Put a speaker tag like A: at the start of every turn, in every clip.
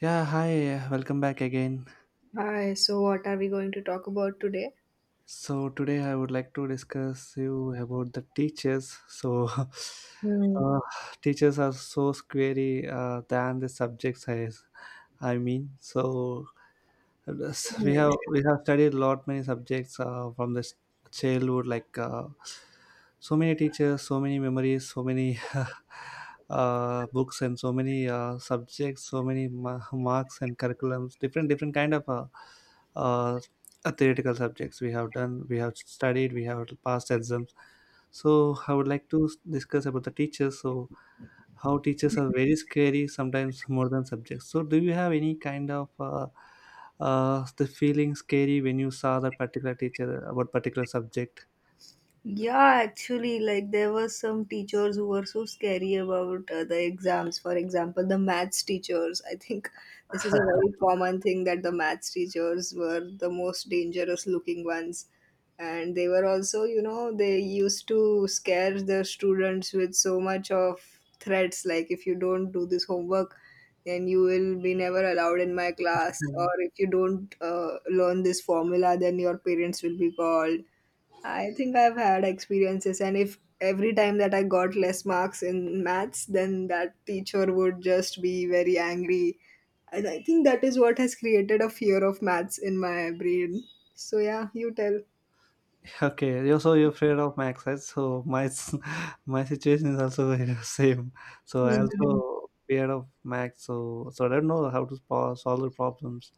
A: Yeah, hi, welcome back again.
B: Hi, so what are we going to talk about today?
A: So today I would like to discuss you about the teachers. So
B: Hmm.
A: teachers are so scary than the subjects, I mean. So yes, we have studied a lot many subjects from this childhood like so many teachers, so many memories, so many books, and so many subjects, so many marks and curriculums, different kind of uh, theoretical subjects. We have done, we have studied, we have passed exams. So I would like to discuss about the teachers. So how teachers are very scary sometimes more than subjects. So do you have any kind of the feeling scary when you saw that particular teacher about particular subject?
B: Yeah, actually, like there were some teachers who were so scary about the exams. For example, the maths teachers. I think this is a very common thing that the maths teachers were the most dangerous looking ones. And they were also, they used to scare the students with so much of threats like, if you don't do this homework, then you will be never allowed in my class.
A: Yeah.
B: Or if you don't learn this formula, then your parents will be called. I think I've had experiences, and if every time that I got less marks in maths, then that teacher would just be very angry. And I think that is what has created a fear of maths in my brain. So, yeah, you tell.
A: Okay, you're, so you're afraid of max, right? So my situation is also very same. So I
B: Mhm,
A: also fear of max. So I don't know how to solve the problems,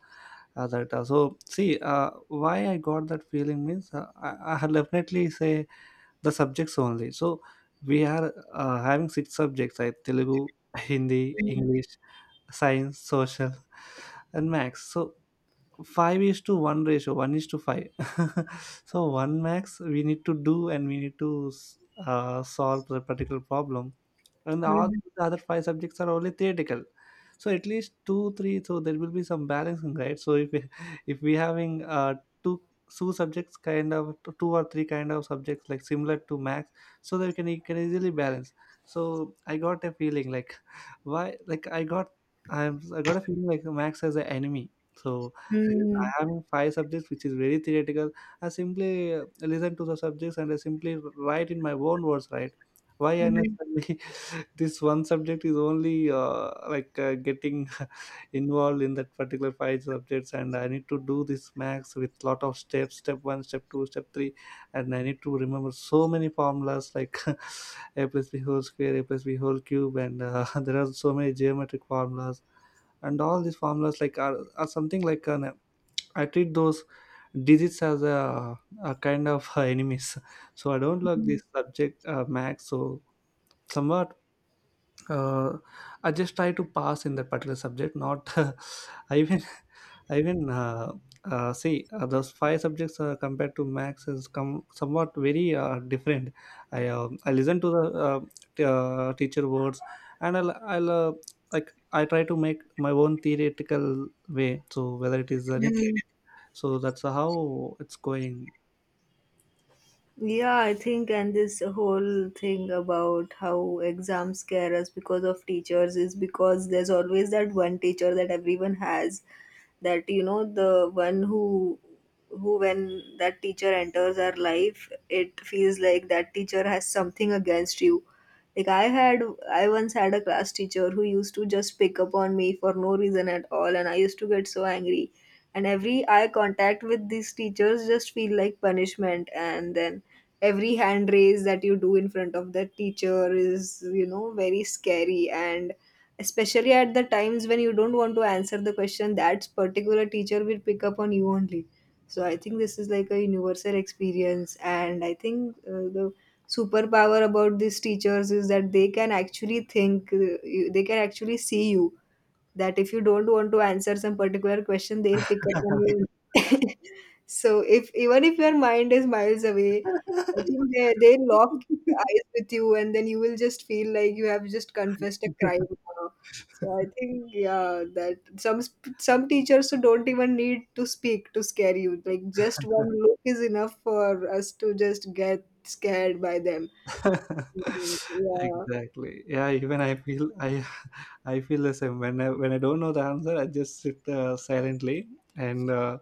A: that, so see, why I got that feeling means, I'll definitely say the subjects only. So we are having six subjects like Telugu, Hindi, English, science, social, and max. So 5 is to 1 ratio, 1 is to 5. So 1 max we need to do, and we need to solve the particular problem. And all
B: mhm,
A: the other five subjects are only theoretical. So at least two, three, so there will be some balancing, right? So if we- if we having two two subjects kind of, two or three kind of subjects like similar to max, so that we can, you can easily balance. So I got a feeling like why, like I got, I got a feeling like max as an enemy. So I
B: mhm,
A: have five subjects which is very theoretical. I simply listen to the subjects, and I simply write in my own words, right? Why
B: mhm,
A: unnecessarily this one subject is only like getting involved in that particular five subjects, and I need to do this max with lot of steps, step one, step two, step three. And I need to remember so many formulas like a plus b whole square, a plus b whole cube, and there are so many geometric formulas. And all these formulas like are something like an, I treat those digits as a kind of enemies. So I don't like this subject, max. So somewhat, uh, I just try to pass in that particular subject. Not I even I even see those five subjects compared to max is come somewhat very different. I listen to the teacher words, and I'll like, I try to make my own theoretical way. So whether it is anything,
B: mhm.
A: so that's how it's going.
B: Yeah, I think, and this whole thing about how exams scare us because of teachers is because there's always that one teacher that everyone has, that the one who, when that teacher enters our life, it feels like that teacher has something against you. Like I once had a class teacher who used to just pick up on me for no reason at all, and I used to get so angry. And every eye contact with these teachers just feel like punishment. And then every hand raise that you do in front of that teacher is, very scary. And especially at the times when you don't want to answer the question, that particular teacher will pick up on you only. So I think this is like a universal experience, and I think the superpower about these teachers is that they can actually think, they can actually see you, that if you don't want to answer some particular question, they'll pick up on you. So if even if your mind is miles away, I think they lock eyes with you, and then you will just feel like you have just confessed a crime now. So I think, yeah, that some teachers who don't even need to speak to scare you. Like just one look is enough for us to just get scared by them. Mm. Yeah,
A: Exactly. Yeah, even I feel, I I feel the same. When I don't know the answer, I just sit silently, and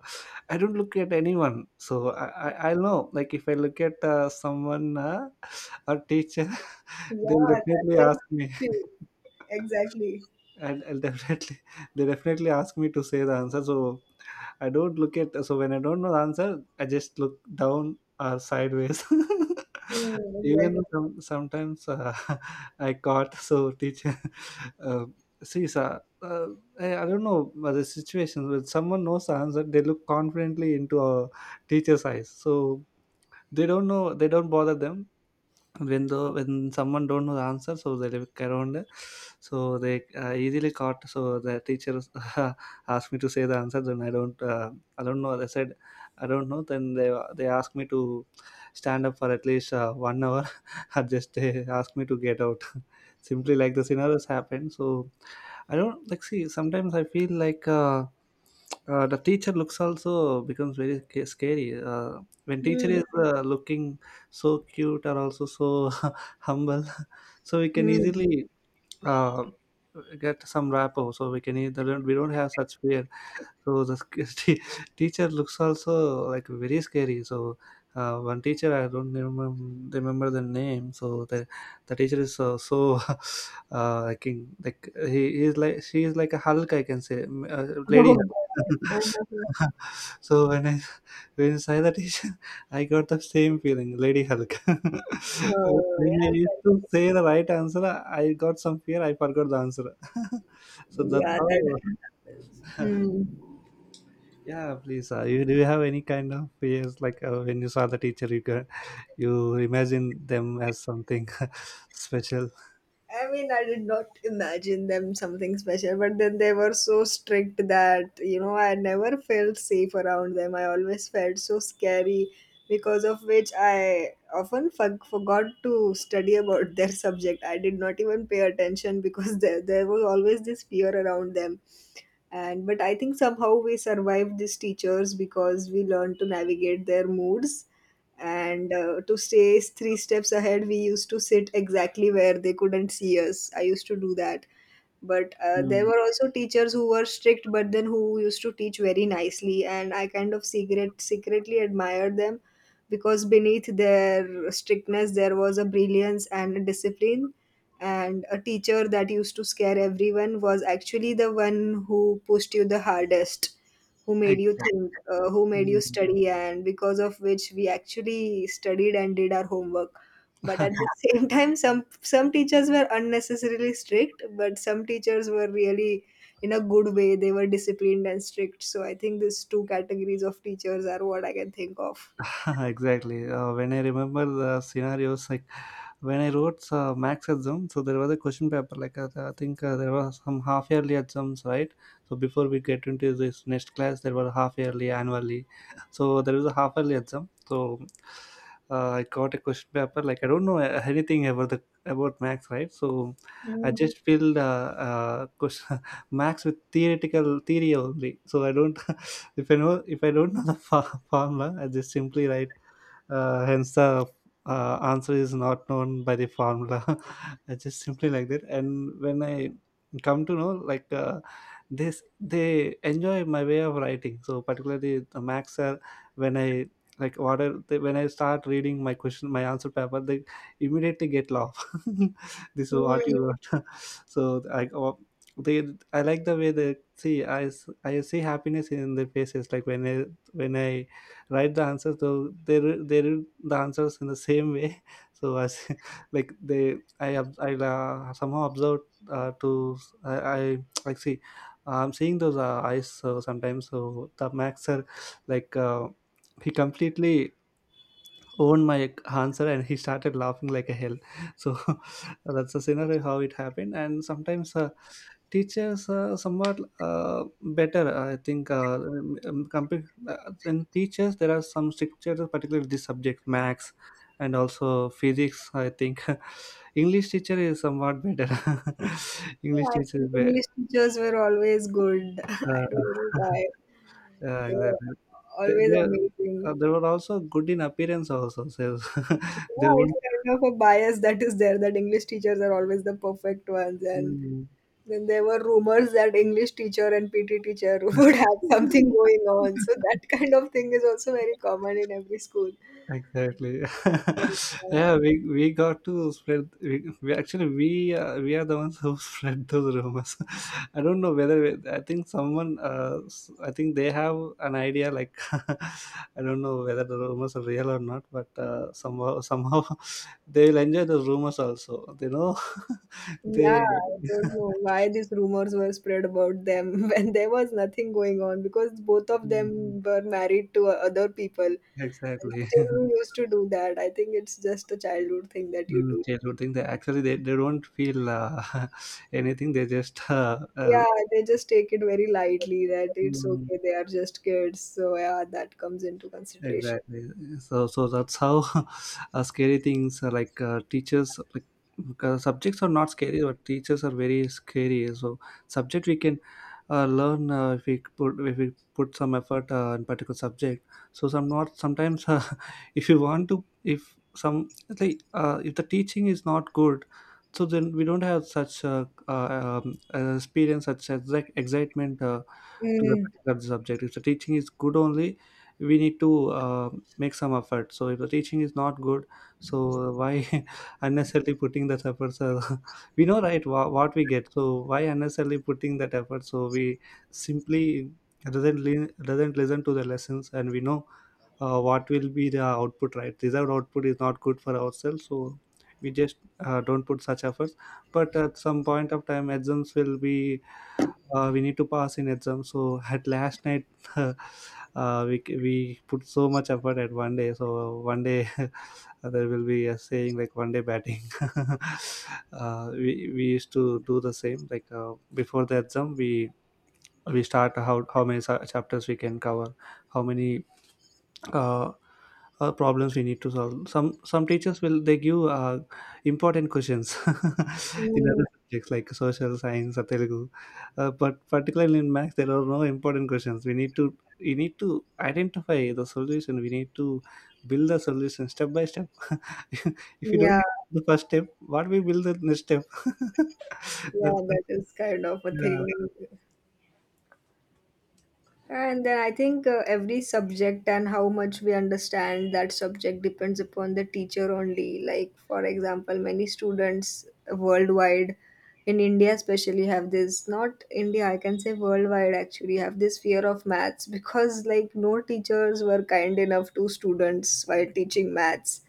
A: I don't look at anyone. So I know, like if I look at someone, a teacher, they'll
B: yeah, that
A: definitely ask
B: is
A: me.
B: true. Exactly.
A: I'll definitely they definitely ask me to say the answer. So I don't look at, so when I don't know the answer, I just look down or sideways.
B: Mm,
A: Even though
B: exactly.
A: sometimes, I caught, so teacher, uh, see sir, I don't know. But the situation, when someone knows the answer, they look confidently into a teacher's eyes. So they don't know, they don't bother them. When someone don't know the answer, so they look around. So they easily caught, so the teacher asked me to say the answer. Then I don't, I don't know, I said I don't know. Then they asked me to stand up for at least 1 hour, or just they asked me to get out. Simply like the scenarios happened. So I don't like, see sometimes I feel like the teacher looks also becomes very scary, when teacher
B: Hmm.
A: is looking so cute are also so humble, so we can
B: Hmm.
A: easily uh, get some rapport, so we can either, we don't have such fear. So the t- teacher looks also like very scary. So one teacher, I don't remember, remember the name. So the teacher is so like like he is, like she is like a Hulk, I can say, lady
B: Oh
A: Hulk.
B: God. Uh-huh.
A: So when I saw the teacher, I got the same feeling, Lady Hulk.
B: Oh, yeah,
A: When I
B: I
A: used to
B: can
A: say the right answer, I got some fear. I forgot the answer.
B: be.
A: So that's
B: Yeah, that
A: how.
B: happens. Hmm.
A: Yeah, please. You do you have any kind of fears like, when you saw the teacher, you can, you imagine them as something special?
B: I mean, I did not imagine them something special, but then they were so strict that, I never felt safe around them. I always felt so scary because of which I often forgot to study about their subject. I did not even pay attention because there was always this fear around them. And but I think somehow we survived these teachers because we learned to navigate their moods, and to stay three steps ahead, we used to sit exactly where they couldn't see us. I used to do that. But there
A: Mm,
B: were also teachers who were strict but then who used to teach very nicely, and I kind of secretly admired them, because beneath their strictness there was a brilliance and a discipline. And a teacher that used to scare everyone was actually the one who pushed you the hardest, who made you
A: exactly.
B: think, who made you
A: Mm.
B: study, and because of which we actually studied and did our homework. But at the same time, some teachers were unnecessarily strict, but some teachers were really in a good way. They were disciplined and strict. So I think these two categories of teachers are what I can think of.
A: Exactly. When I remember the scenarios, like when I wrote max exam, so there was a question paper. Like I think there was some half yearly exams, right? So before we get into this next class, there were half yearly, annually. So there was a half yearly exam. So I got a question paper. Like I don't know anything about the about max, right? So I
B: Mm.
A: just filled question, max with theoretical theory only. So I don't. If I don't know the formula, I just simply write, hence the answer is not known by the formula. It's just simply like that. And when I come to know, like this, they enjoy my way of writing, so particularly the max sir, when I, like what are they, when I start reading my question, my answer paper, they immediately get laugh. This is what you
B: Mm.
A: wrote. So I, oh, they, I like the way they see, I I see happiness in their faces. Like when I write the answers, though they read the answers in the same way. So as like they, I ob- I somehow observed, to, I like see, I'm seeing those eyes. So sometimes, so the maxer, like he completely owned my answer and he started laughing like a hell. So that's the scenario how it happened. And sometimes teaches somewhat better, I think, compared, in teachers there are some stricter, particularly this subject max, and also physics. I think english teacher is somewhat better.
B: Yeah,
A: English
B: I
A: teacher is
B: think
A: better.
B: English teachers were always good. I
A: uh,
B: don't know why.
A: yeah,
B: They were
A: exactly. they,
B: always
A: they,
B: amazing.
A: they were also good in appearance also, so they
B: Yeah,
A: were.
B: it's kind of a bias that is there that English teachers are always the perfect ones. And
A: Mm.
B: then there were rumors that English teacher and PT teacher would have something going on. So that kind of thing is also very common in every school.
A: Exactly. Yeah,
B: Uh,
A: we got to spread, we actually we are the ones who spread those rumors. I don't know whether I think someone, I think they have an idea like. I don't know whether the rumors are real or not, but somehow they will enjoy the rumors also. You know, they.
B: Yeah, I don't know why these rumors were spread about them when there was nothing going on because both of
A: Mm,
B: them were married to other people. And
A: exactly.
B: still, we used to do that. I think it's just a childhood thing that you
A: Mm,
B: do.
A: childhood thing, they actually, they don't feel anything, they just uh,
B: Yeah, they just take it very lightly that it's
A: mm,
B: okay, they are just kids. So yeah, that comes into consideration.
A: exactly. So that's how, scary things are like, teachers like, subjects are not scary, but teachers are very scary. So subject we can learn, if we put some effort in particular subject. So some, not sometimes, if you want to, if some, it's like if the teaching is not good, so then we don't have such experience such as like excitement to the
B: Mm,
A: particular subject. If the teaching is good only, we need to make some effort. So if the teaching is not good, so why unnecessarily putting that efforts? We know, right, what we get. So why unnecessarily putting that effort? So we simply doesn't, doesn't listen to the lessons, and we know what will be the output. Right, desired output is not good for ourselves. So we just don't put such efforts. But at some point of time, exams will be, we need to pass in exam. So at last night, uh, we put so much effort at one day. So one day, there will be a saying like one day batting. We used to do the same, like before the exam, we start how many chapters we can cover, how many uh, problems we need to solve. Some teachers will they give important questions in
B: mm,
A: other subjects like social science or Telugu, but particularly in maths there are no important questions. We need to identify the solution. We need to build the solution step by step. if you don't
B: yeah,
A: do the first step, what we build the next step?
B: yeah,
A: That's
B: that is kind of a
A: yeah.
B: thing. And then I think every subject and how much we understand that subject depends upon the teacher only. Like, for example, many students worldwide, in India especially, have this, not India, I can say worldwide actually, have this fear of maths because, like, no teachers were kind enough to students while teaching maths,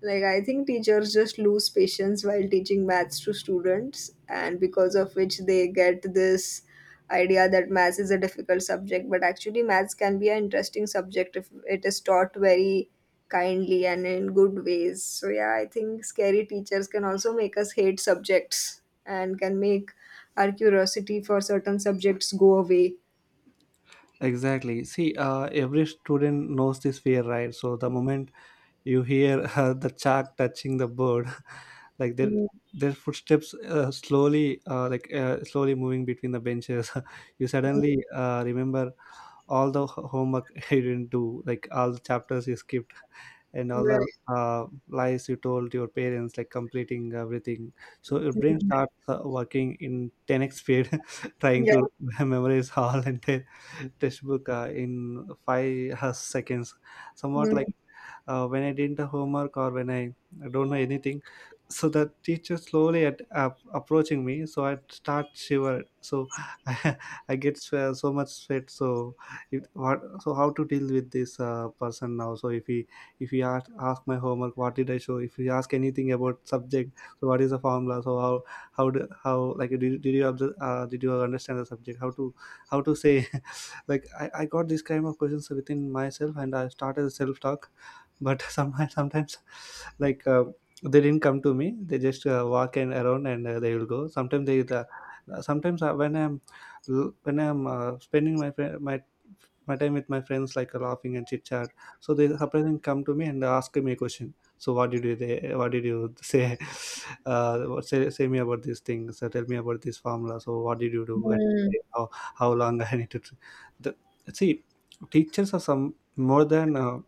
B: like, I think teachers just lose patience while teaching maths to students, and because of which they get this idea that maths is a difficult subject. But actually, maths can be an interesting subject if it is taught very kindly and in good ways. So, yeah, I think scary teachers can also make us hate subjects and can make our curiosity for certain subjects go away.
A: Exactly. See, every student knows this fear, right? So the moment you hear the shark touching the bird, like their
B: Mm,
A: their footsteps slowly, slowly moving between the benches. you
B: mm,
A: suddenly remember all the homework you didn't do, like all the chapters you skipped, and all the
B: Right.
A: lies you told your parents, like completing everything. So your brain
B: Mm.
A: starts working in 10x speed, trying
B: Yeah.
A: to memorize all entire textbook in five seconds. Somewhat like
B: Mm,
A: when I didn't homework or when I don't know anything. So the teacher slowly at, up approaching me, so I start shiver. So I I get so much sweat. So it, what? So how to deal with this person now? So if he ask my homework, what did I show? If he ask anything about subject, so what is the formula? So how did you observe, did you understand the subject? How to say, like I got this kind of questions within myself, and I started self-talk. But sometimes like uh, they didn't come to me. They just walk in around, and they will go. Sometimes when I'm spending my my time with my friends, like laughing and chit chat, so they surprisingly come to me and ask me a question. So what did you say? Say me about this thing. So tell me about this formula. So what did you do, and how, how long I need to the, see. Teachers are some more than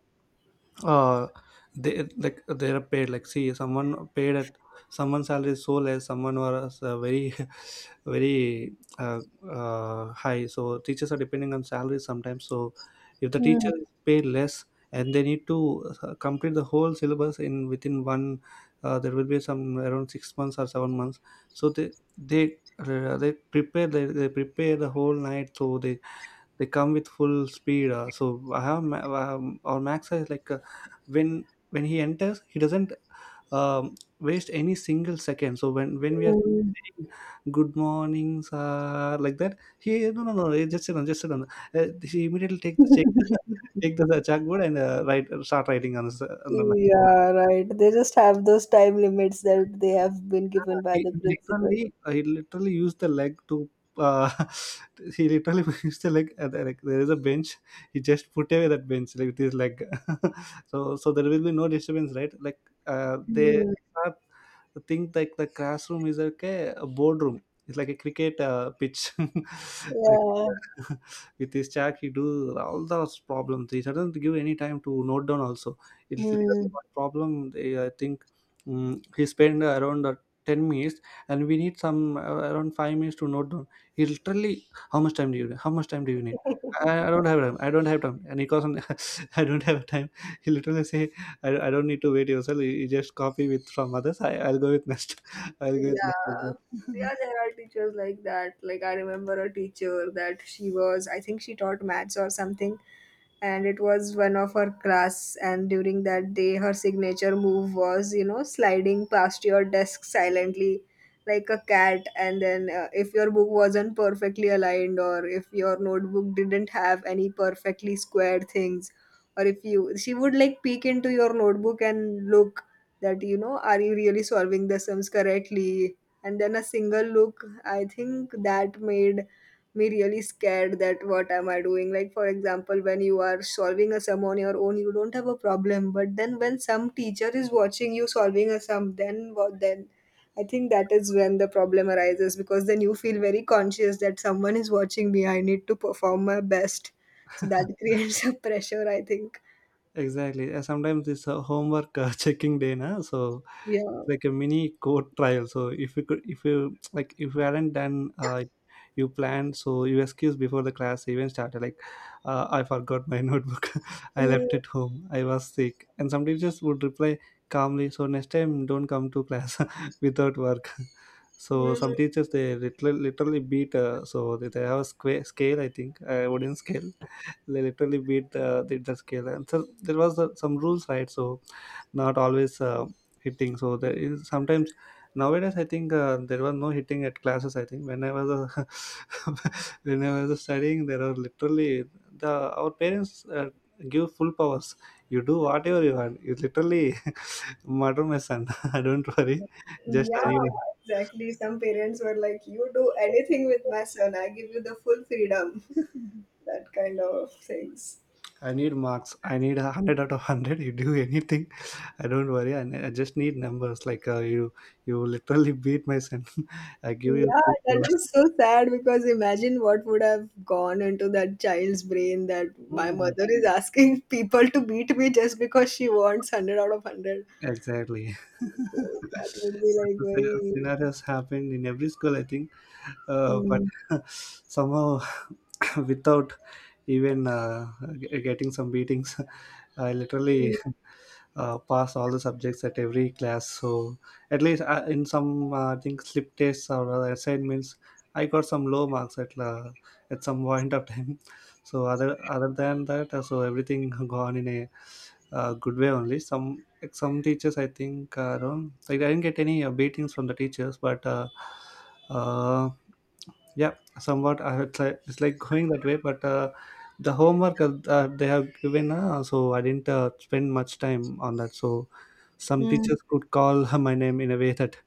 A: uh they, like they are paid, like, see, someone paid at someone's salary is so less, someone was very very uh, high. So teachers are depending on salary sometimes. So if the teacher
B: mm,
A: is paid less and they need to complete the whole syllabus in within one there will be some around 6 months or 7 months. So they prepare the whole night, so they come with full speed. So I have our Max is like when when he enters, he doesn't waste any single second. So when we are
B: mm.
A: saying good morning, sir, like that, he, no no no, just sit on, just sit on. He immediately take the check take the chalkboard and write start writing on on the map.
B: Yeah, right. They just have those time limits that they have been given by the principal.
A: He literally used the leg to uh, he literally used the leg there- like there is a bench. He just put away that bench like with his leg, so so there will be no disturbance, right? Like they
B: Hmm.
A: are think, like the classroom is like a boardroom. It's like a cricket pitch, like.
B: Yeah.
A: With his chat, he do all those problems. He doesn't give any time to note down also. It's literally
B: Hmm.
A: one problem. They, I think he spent around 10 minutes, and we need some around 5 minutes to note down. He literally, how much time do you need? How much time do you need? I don't have time. I don't have time. And he calls on, I don't have time. He literally say, I don't need to wait yourself. You just copy with from others. I'll go with next. I'll go with next. Like
B: Yeah.
A: that.
B: Yeah, there are teachers like that. Like I remember a teacher that she was, I think she taught maths or something, and it was one of her class. And during that day her signature move was, sliding past your desk silently like a cat. And then if your book wasn't perfectly aligned, or if your notebook didn't have any perfectly squared things, or if you she would like peek into your notebook and look that, are you really solving the sums correctly. And then a single look, I think that made me really scared, that what am I doing. Like for example, when you are solving a sum on your own, you don't have a problem, but then when some teacher is watching you solving a sum, then what, then I think that is when the problem arises, because then you feel very conscious that someone is watching me, I need to perform my best. So that creates a pressure, I think.
A: Exactly. Sometimes this homework checking day, na? So
B: Yeah.
A: it's like a mini court trial. So if you, like, if you hadn't done, you planned, so you excuse before the class even started. Like, I forgot my notebook. I
B: Mhm.
A: left it home. I was sick. And some teachers would reply calmly, so next time don't come to class without work. So
B: Mhm.
A: some teachers they literally beat. So they have a scale, I think, wooden scale. They literally beat the scale. And so there was some rules, right? So not always hitting, so there is sometimes. Nowadays I think there was no hitting at classes. I think when I was when I was studying, there are literally, the our parents give full powers. You do whatever you want. You literally murder my son. I don't worry. Just
B: Yeah,
A: I need,
B: exactly. Some parents were like, "You do anything with my son, I give you the full freedom." That kind of things.
A: I need marks. I need a 100 out of 100. You do anything. I don't worry. I I just need numbers. Like you literally beat my son. I give you
B: Yeah,
A: two
B: that
A: hours.
B: was so sad because imagine what would have gone into that child's brain, that my
A: Hmm,
B: mother is asking people to beat me just because she wants 100 out of 100.
A: exactly.
B: So that would be like very.
A: Scenarios happened in every school, I think. But
B: Hmm.
A: somehow, without even getting some beatings, I literally pass all the subjects at every class. So at least in some, I think slip tests or assignments, I got some low marks at some point of time. So other than that, so everything gone in a good way only. Some, like, some teachers I think around like I didn't get any beatings from the teachers, but. Uh, yeah, somewhat. It's like going that way, but the homework they have given, so I didn't spend much time on that. So some
B: Hmm.
A: teachers could call my name in a way that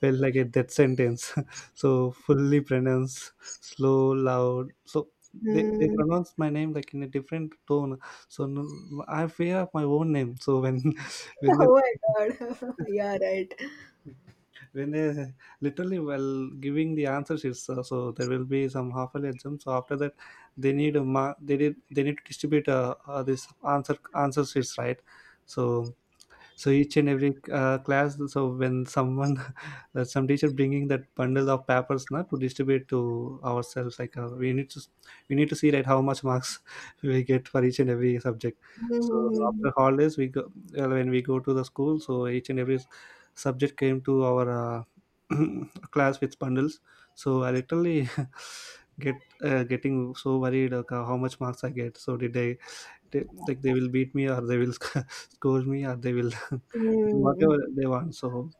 A: felt like a death sentence. so fully pronounced, slow, loud. So they
B: Hmm.
A: pronounce my name like in a different tone. So no, I fear of my own name. So when when they
B: Oh my god. Yeah, right.
A: when they literally while giving the answers, it's so there will be some half an exam. So after that, they need a ma- they did they need to distribute this answer answer sheets, right? So so each and every class. So when someone, some teacher bringing that bundle of papers now to distribute to ourselves, like we need to see, right, how much marks we get for each and every subject. So
B: Hmm.
A: after holidays we go, when we go to the school, so each and every subject came to our class with bundles. So I literally get getting so worried like, how much marks I get. So did I, they, like they will beat me, or they will scold me, or they will
B: Hmm.
A: do
B: Hmm, hmm.
A: whatever they want. So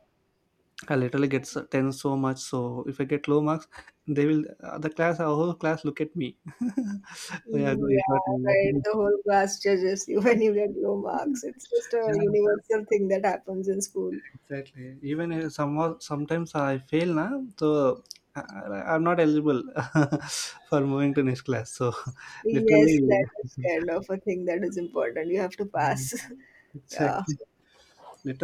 A: I literally get 10 so much. So if I get low marks, they will, the class our whole class look at me. yeah, so you got
B: Yeah, right.
A: me.
B: The whole class judges you when you get low marks. It's just a
A: yeah,
B: universal thing that happens in school.
A: exactly. Even if some, sometimes I fail, na? So I, I- I'm not eligible for moving to next class, so
B: Yes,
A: literally.
B: that is kind of a thing that is important. You have to
A: Mm,
B: pass. Yeah.
A: exactly,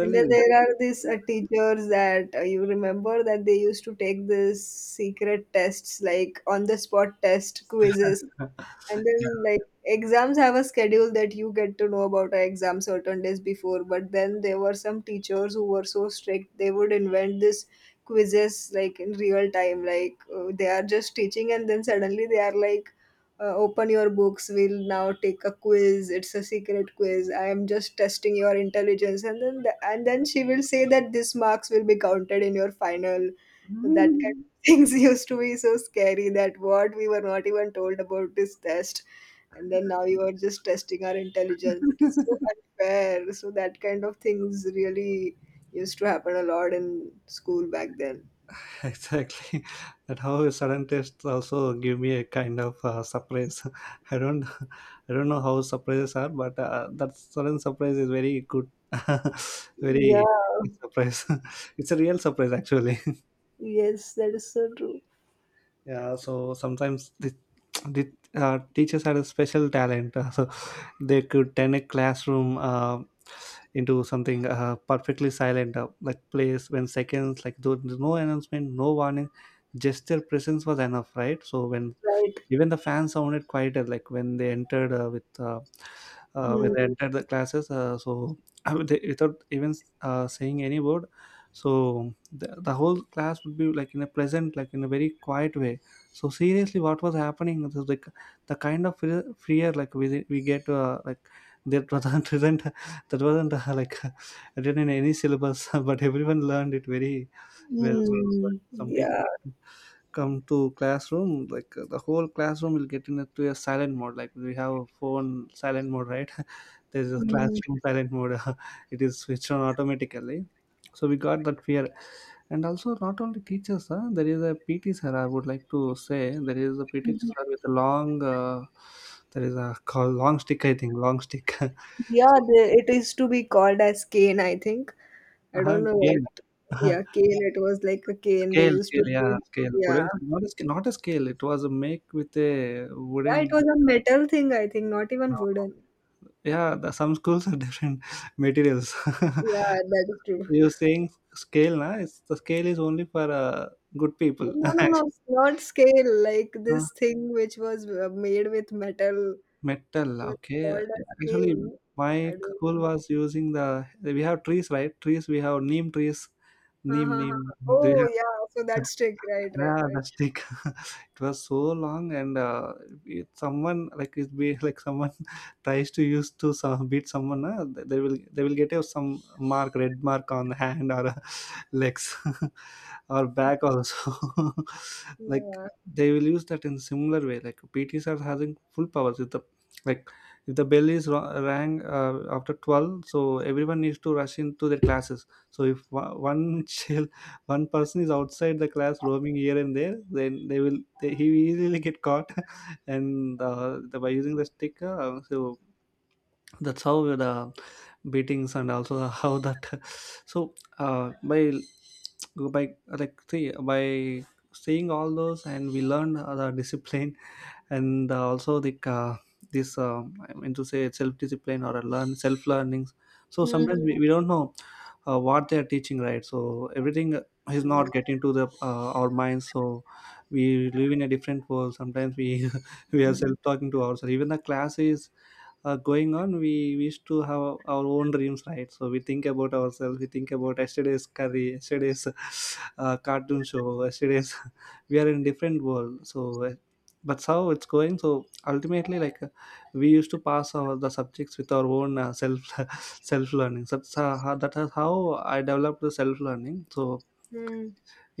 B: And then there are these
A: yeah.
B: teachers that you remember, that they used to take this secret tests, like on the spot test quizzes. And then, like, exams have a schedule that you get to know about our exam certain days before, but then there were some teachers who were so strict, they would invent this quizzes like in real time, like they are just teaching and then suddenly they are like, open your books, we'll now take a quiz, it's a secret quiz, I am just testing your intelligence. And then and then she will say that this marks will be counted in your final. That
A: yeah,
B: things used to be so scary, that what we were not even told about this test, and then now you are just testing our intelligence, it is so unfair. So that kind of things really used to happen a lot in school back then.
A: exactly. That how sudden taste also give me a kind of surprise. i don't I don't know how surprises are, but that sudden surprise is very good, very
B: Yeah.
A: surprise. it's a real surprise actually.
B: Yes, that is so true.
A: yeah, so sometimes the teachers had a special talent. So they could turn a classroom into something perfectly silent like place when seconds, like there was no announcement, no warning. Just their presence was enough, right? So when
B: Right.
A: even the fans sounded quieter, like when they entered with when they
B: Mm.
A: entered the classes. So they, without even saying any word, so the whole class would be like in a pleasant, like in a very quiet way. So seriously, what was happening? So the kind of fear like we get like that wasn't isn't- that wasn't like written in any syllabus, but everyone learned it very well. So
B: Mm.
A: some teachers
B: Yeah.
A: come to classroom like, the whole classroom will get into a silent mode, like we have a phone silent mode, right? there's a
B: Mm.
A: classroom silent mode. it is switched on automatically. So we got that fear. And also, not only teachers, huh? There is a PT sir, I would like to say. There is a PT sir with a long there is a called long stick, I think. Long stick.
B: Yeah,
A: So
B: it used to be called as cane, I think. I don't know what.
A: gain Uh,
B: Yeah, cane, it was like a cane they
A: scale.
B: used to
A: scale yeah
B: beat.
A: scale Wooden.
B: Yeah.
A: Not a scale, it was a make with a
B: Yeah,
A: wooden.
B: it was a metal thing, I think, not even wooden.
A: Yeah, the, some schools have different materials.
B: Yeah, that is true.
A: You're saying scale, na? It's, the scale is only for good people.
B: No, no, no,
A: Actually.
B: it's not scale. Like
A: Uh,
B: this thing which was made with metal
A: Metal,
B: was
A: okay.
B: called a
A: Actually,
B: scale. I
A: my
B: don't
A: school
B: know.
A: was using the. We have trees, right? Trees. We have neem trees.
B: Ha,
A: Neem,
B: ha, ha.
A: neem. They.
B: Oh, yeah. So that's trick. Right, right,
A: Yeah,
B: right.
A: the stick. It was so long, and it, someone like it be like someone tries to use to some, beat someone. They will they will get a, some mark, red mark on hand or legs or back also. Like
B: Yeah.
A: they will use that in similar way. Like PTs are having full powers. If the, like, if the bell is rang after 12, so everyone needs to rush into their classes. So if one child, one person is outside the class roaming here and there, then he will easily get caught and the, by using the sticker, so that's how the beatings and also how that so uh, by by like see by seeing all those, and we learned the discipline, and also the this I mean to say self discipline or a learn self learnings. So sometimes
B: Mm-hmm.
A: we don't know what they are teaching, right? So everything is not getting to the our minds. So we live in a different world. Sometimes we we are self talking to ourselves. Even the classes going on, we wish to have our own dreams, right? So we think about ourselves, we think about yesterday's curry, yesterday's cartoon show, yesterday's we are in different world, so that's how it's going. So ultimately, like, we used to pass our the subjects with our own self self learning. So that's, that is how I developed the self learning. So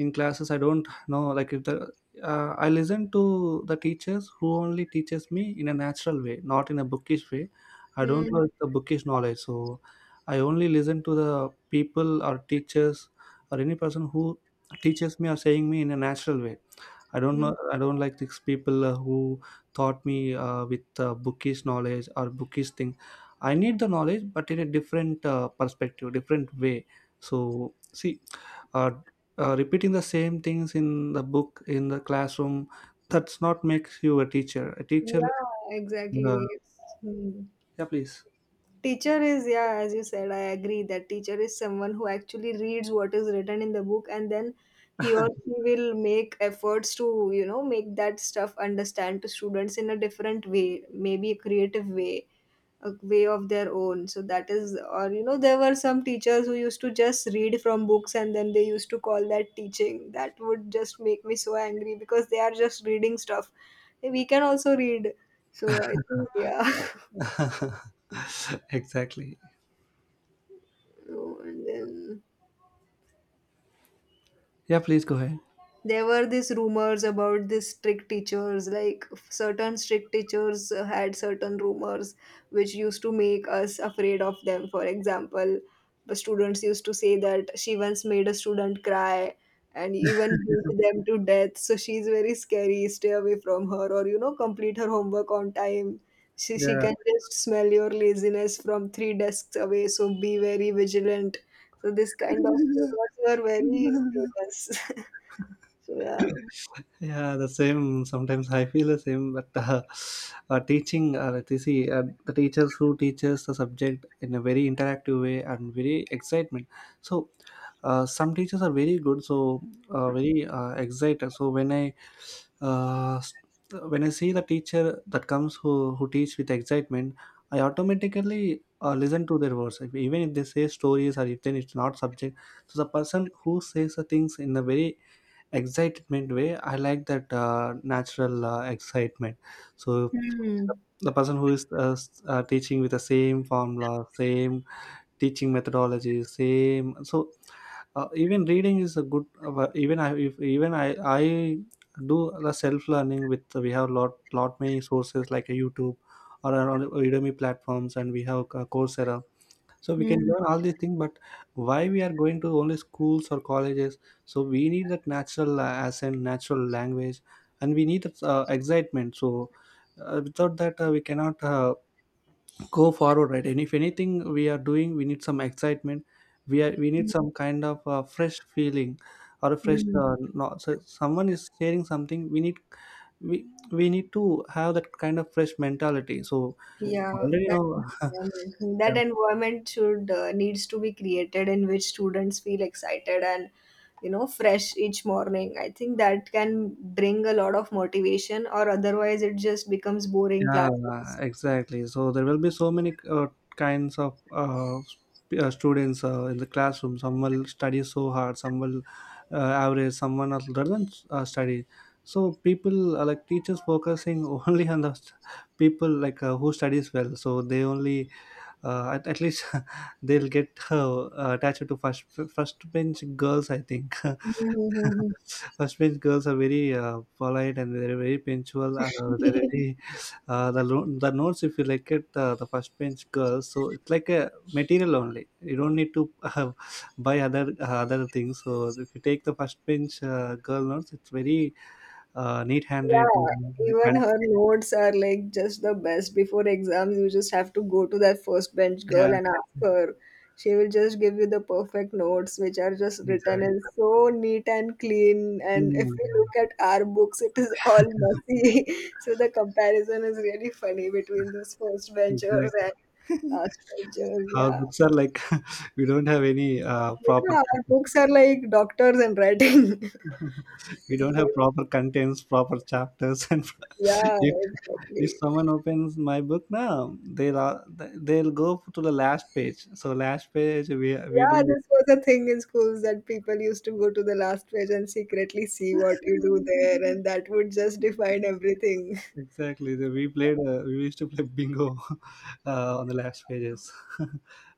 A: in classes, I don't know, like if the I listen to the teachers who only teaches me in a natural way, not in a bookish way. I don't
B: Mm-hmm.
A: like the bookish knowledge, so I only listen to the people or teachers or any person who teaches me or saying me in a natural way. I don't know, I don't like these people who taught me with bookish knowledge or bookish thing. I need the knowledge, but in a different perspective, different way. So see, uh, repeating the same things in the book, in the classroom, that's not makes you a teacher.
B: Yeah,
A: uh,
B: exactly. It's, hmm.
A: yeah, please.
B: Teacher is, yeah, as you said, I agree that teacher is someone who actually reads what is written in the book, and then he or she will make efforts to, make that stuff understand to students in a different way, maybe a creative way, a way of their own. So that is, or, there were some teachers who used to just read from books and then they used to call that teaching. That would just make me so angry because they are just reading stuff. We can also read. So I think, yeah.
A: Exactly.
B: No, and then
A: Yeah, please go ahead.
B: there were these rumors about these strict teachers, like certain strict teachers had certain rumors which used to make us afraid of them. For example, the students used to say that she once made a student cry and even beat them to death, so she's very scary, stay away from her. Or, complete her homework on time, she
A: Yeah.
B: can just smell your laziness from three desks away, so be very vigilant. So this kind of rumors were very famous. So yeah.
A: Yeah, the same. Sometimes I feel the same, but teaching, like, you see, the teachers who teaches the subject in a very interactive way and very excitement. So, some teachers are very good, so very excited. So when I uh, s- when I see the teacher that comes, who teach with excitement, I automatically listen to their words. If, even if they say stories or if then it's not subject, so the person who says the things in a very excitement way, I like that natural excitement. So
B: Hmm,
A: the person who is teaching with the same formula, same teaching methodology, same, so even reading is a good, even I if, even I do the self learning. With we have lot many sources like a YouTube or on Udemy platforms, and we have Coursera. So we can
B: hmm.
A: learn all these things, but why we are going to only schools or colleges? So we need that natural accent, natural language, and we need that excitement. So without that, we cannot go forward, right? And if anything we are doing, we need some excitement. We need
B: Mm,
A: some kind of fresh feeling or a fresh.
B: mm.
A: No, so someone is sharing something. We need we we need to have that kind of fresh mentality. So
B: Yeah,
A: already you know.
B: that
A: Yeah,
B: environment should needs to be created in which students feel excited and fresh each morning. I think that can bring a lot of motivation, or otherwise it just becomes boring
A: yeah,
B: classes.
A: exactly. So there will be so many kinds of students in the classroom. Some will study so hard, some will average, someone else doesn't study. So people like teachers focusing only on the people like who studies well. So they only at least they'll get attached to first bench girls, I think.
B: Hmm.
A: Kashmiri girls are very polite and they're very punctual. They're very the notes, if you like it, the first bench girls. So it's like a material only. You don't need to buy other things. So if you take the first bench girl notes, it's very neat handed. And
B: Yeah,
A: the
B: even her
A: content,
B: notes are like just the best. Before exams, you just have to go to that first bench
A: yeah,
B: girl and ask her. She will just give you the perfect notes, which are just written
A: exactly.
B: in so neat and clean. And if
A: Mm,
B: we look at our books, it is all messy. So the comparison is really funny between those first benchers
A: exactly.
B: and last benchers.
A: Our
B: Yeah.
A: books are like we don't have any proper.
B: Yeah, our books are like doctors and writing.
A: We
B: It
A: don't
B: is
A: have
B: like,
A: proper contents, proper chapters, and
B: yeah,
A: if, if
B: exactly.
A: someone opens my book now, they'll go to the last page. So last page, we
B: Yeah,
A: do.
B: this was a thing in schools that people used to go to the last page and secretly see what you do there, and that would just define everything.
A: Exactly, we played, we used to play bingo on the last pages.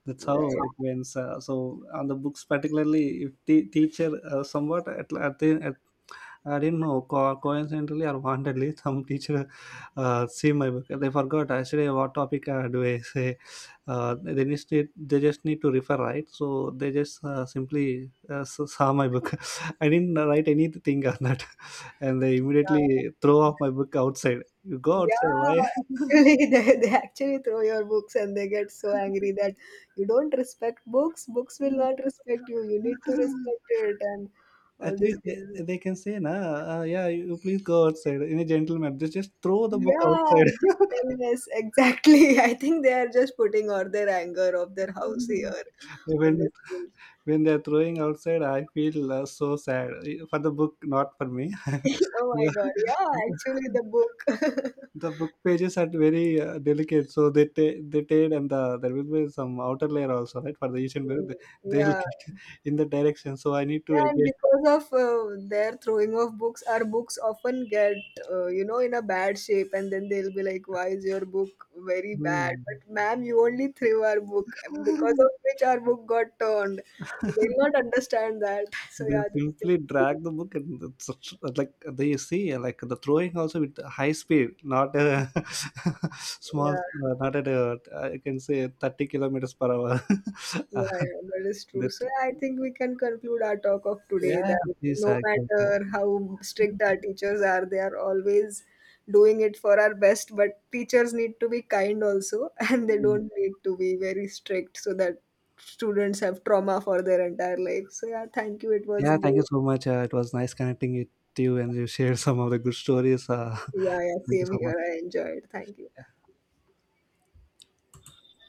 A: That's how it
B: Right.
A: went, so on the books particularly, if the teacher somewhat at, the, at. I didn't know. Coincidentally or wantedly, some teacher see my book. They forgot actually what topic do I say. They just need, to refer right. So they just saw my book. I didn't write anything on that, and they immediately throw off my book outside. You go
B: Yeah.
A: outside.
B: Yeah.
A: Why?
B: Actually, they actually throw your books and they get so angry that you don't respect books. Books will not respect you. You need to respect it and
A: At
B: all these
A: least
B: things.
A: they can say, nah, yeah, you please go outside in a gentleman. They just throw the book
B: Yeah,
A: outside.
B: gentleness. Exactly. I think they are just putting all their anger of their house here in the
A: Even
B: school.
A: when they're throwing outside, I feel so sad for the book, not for me.
B: Oh my
A: Yeah.
B: God. Yeah, actually, the book.
A: The book pages are very delicate, so they tear, and the, there will be some outer layer also, right, for the asian bear,
B: Hmm.
A: they, they'll
B: Yeah.
A: kick in the direction, so I need to
B: Yeah, and
A: again.
B: because of their throwing of books, our books often get, in a bad shape. And then they'll be like, "Why is your book very bad?"
A: Hmm.
B: But ma'am, you only threw our book, because of which our book got turned. So they'll not understand that. So
A: They'll
B: yeah, these
A: simply
B: things.
A: drag the book, and it's such, like they see, like the throwing also with high speed, not a small,
B: Yeah.
A: not at a I can say 30 kilometers per hour.
B: Yeah,
A: Uh,
B: yeah, that is true.
A: that,
B: So yeah, I think we can conclude our talk of today
A: yeah,
B: that
A: please,
B: no
A: exactly.
B: matter how strict our teachers are, they are always doing it for our best. But teachers need to be kind also, and they don't need to be very strict so that students have trauma for their entire life. So yeah, thank you. It was
A: Yeah, thank you
B: great.
A: so much, it was nice connecting with you, and you shared some of the good stories.
B: Yeah, yeah,
A: Thank you
B: same
A: so much.
B: here. I enjoyed. Thank you.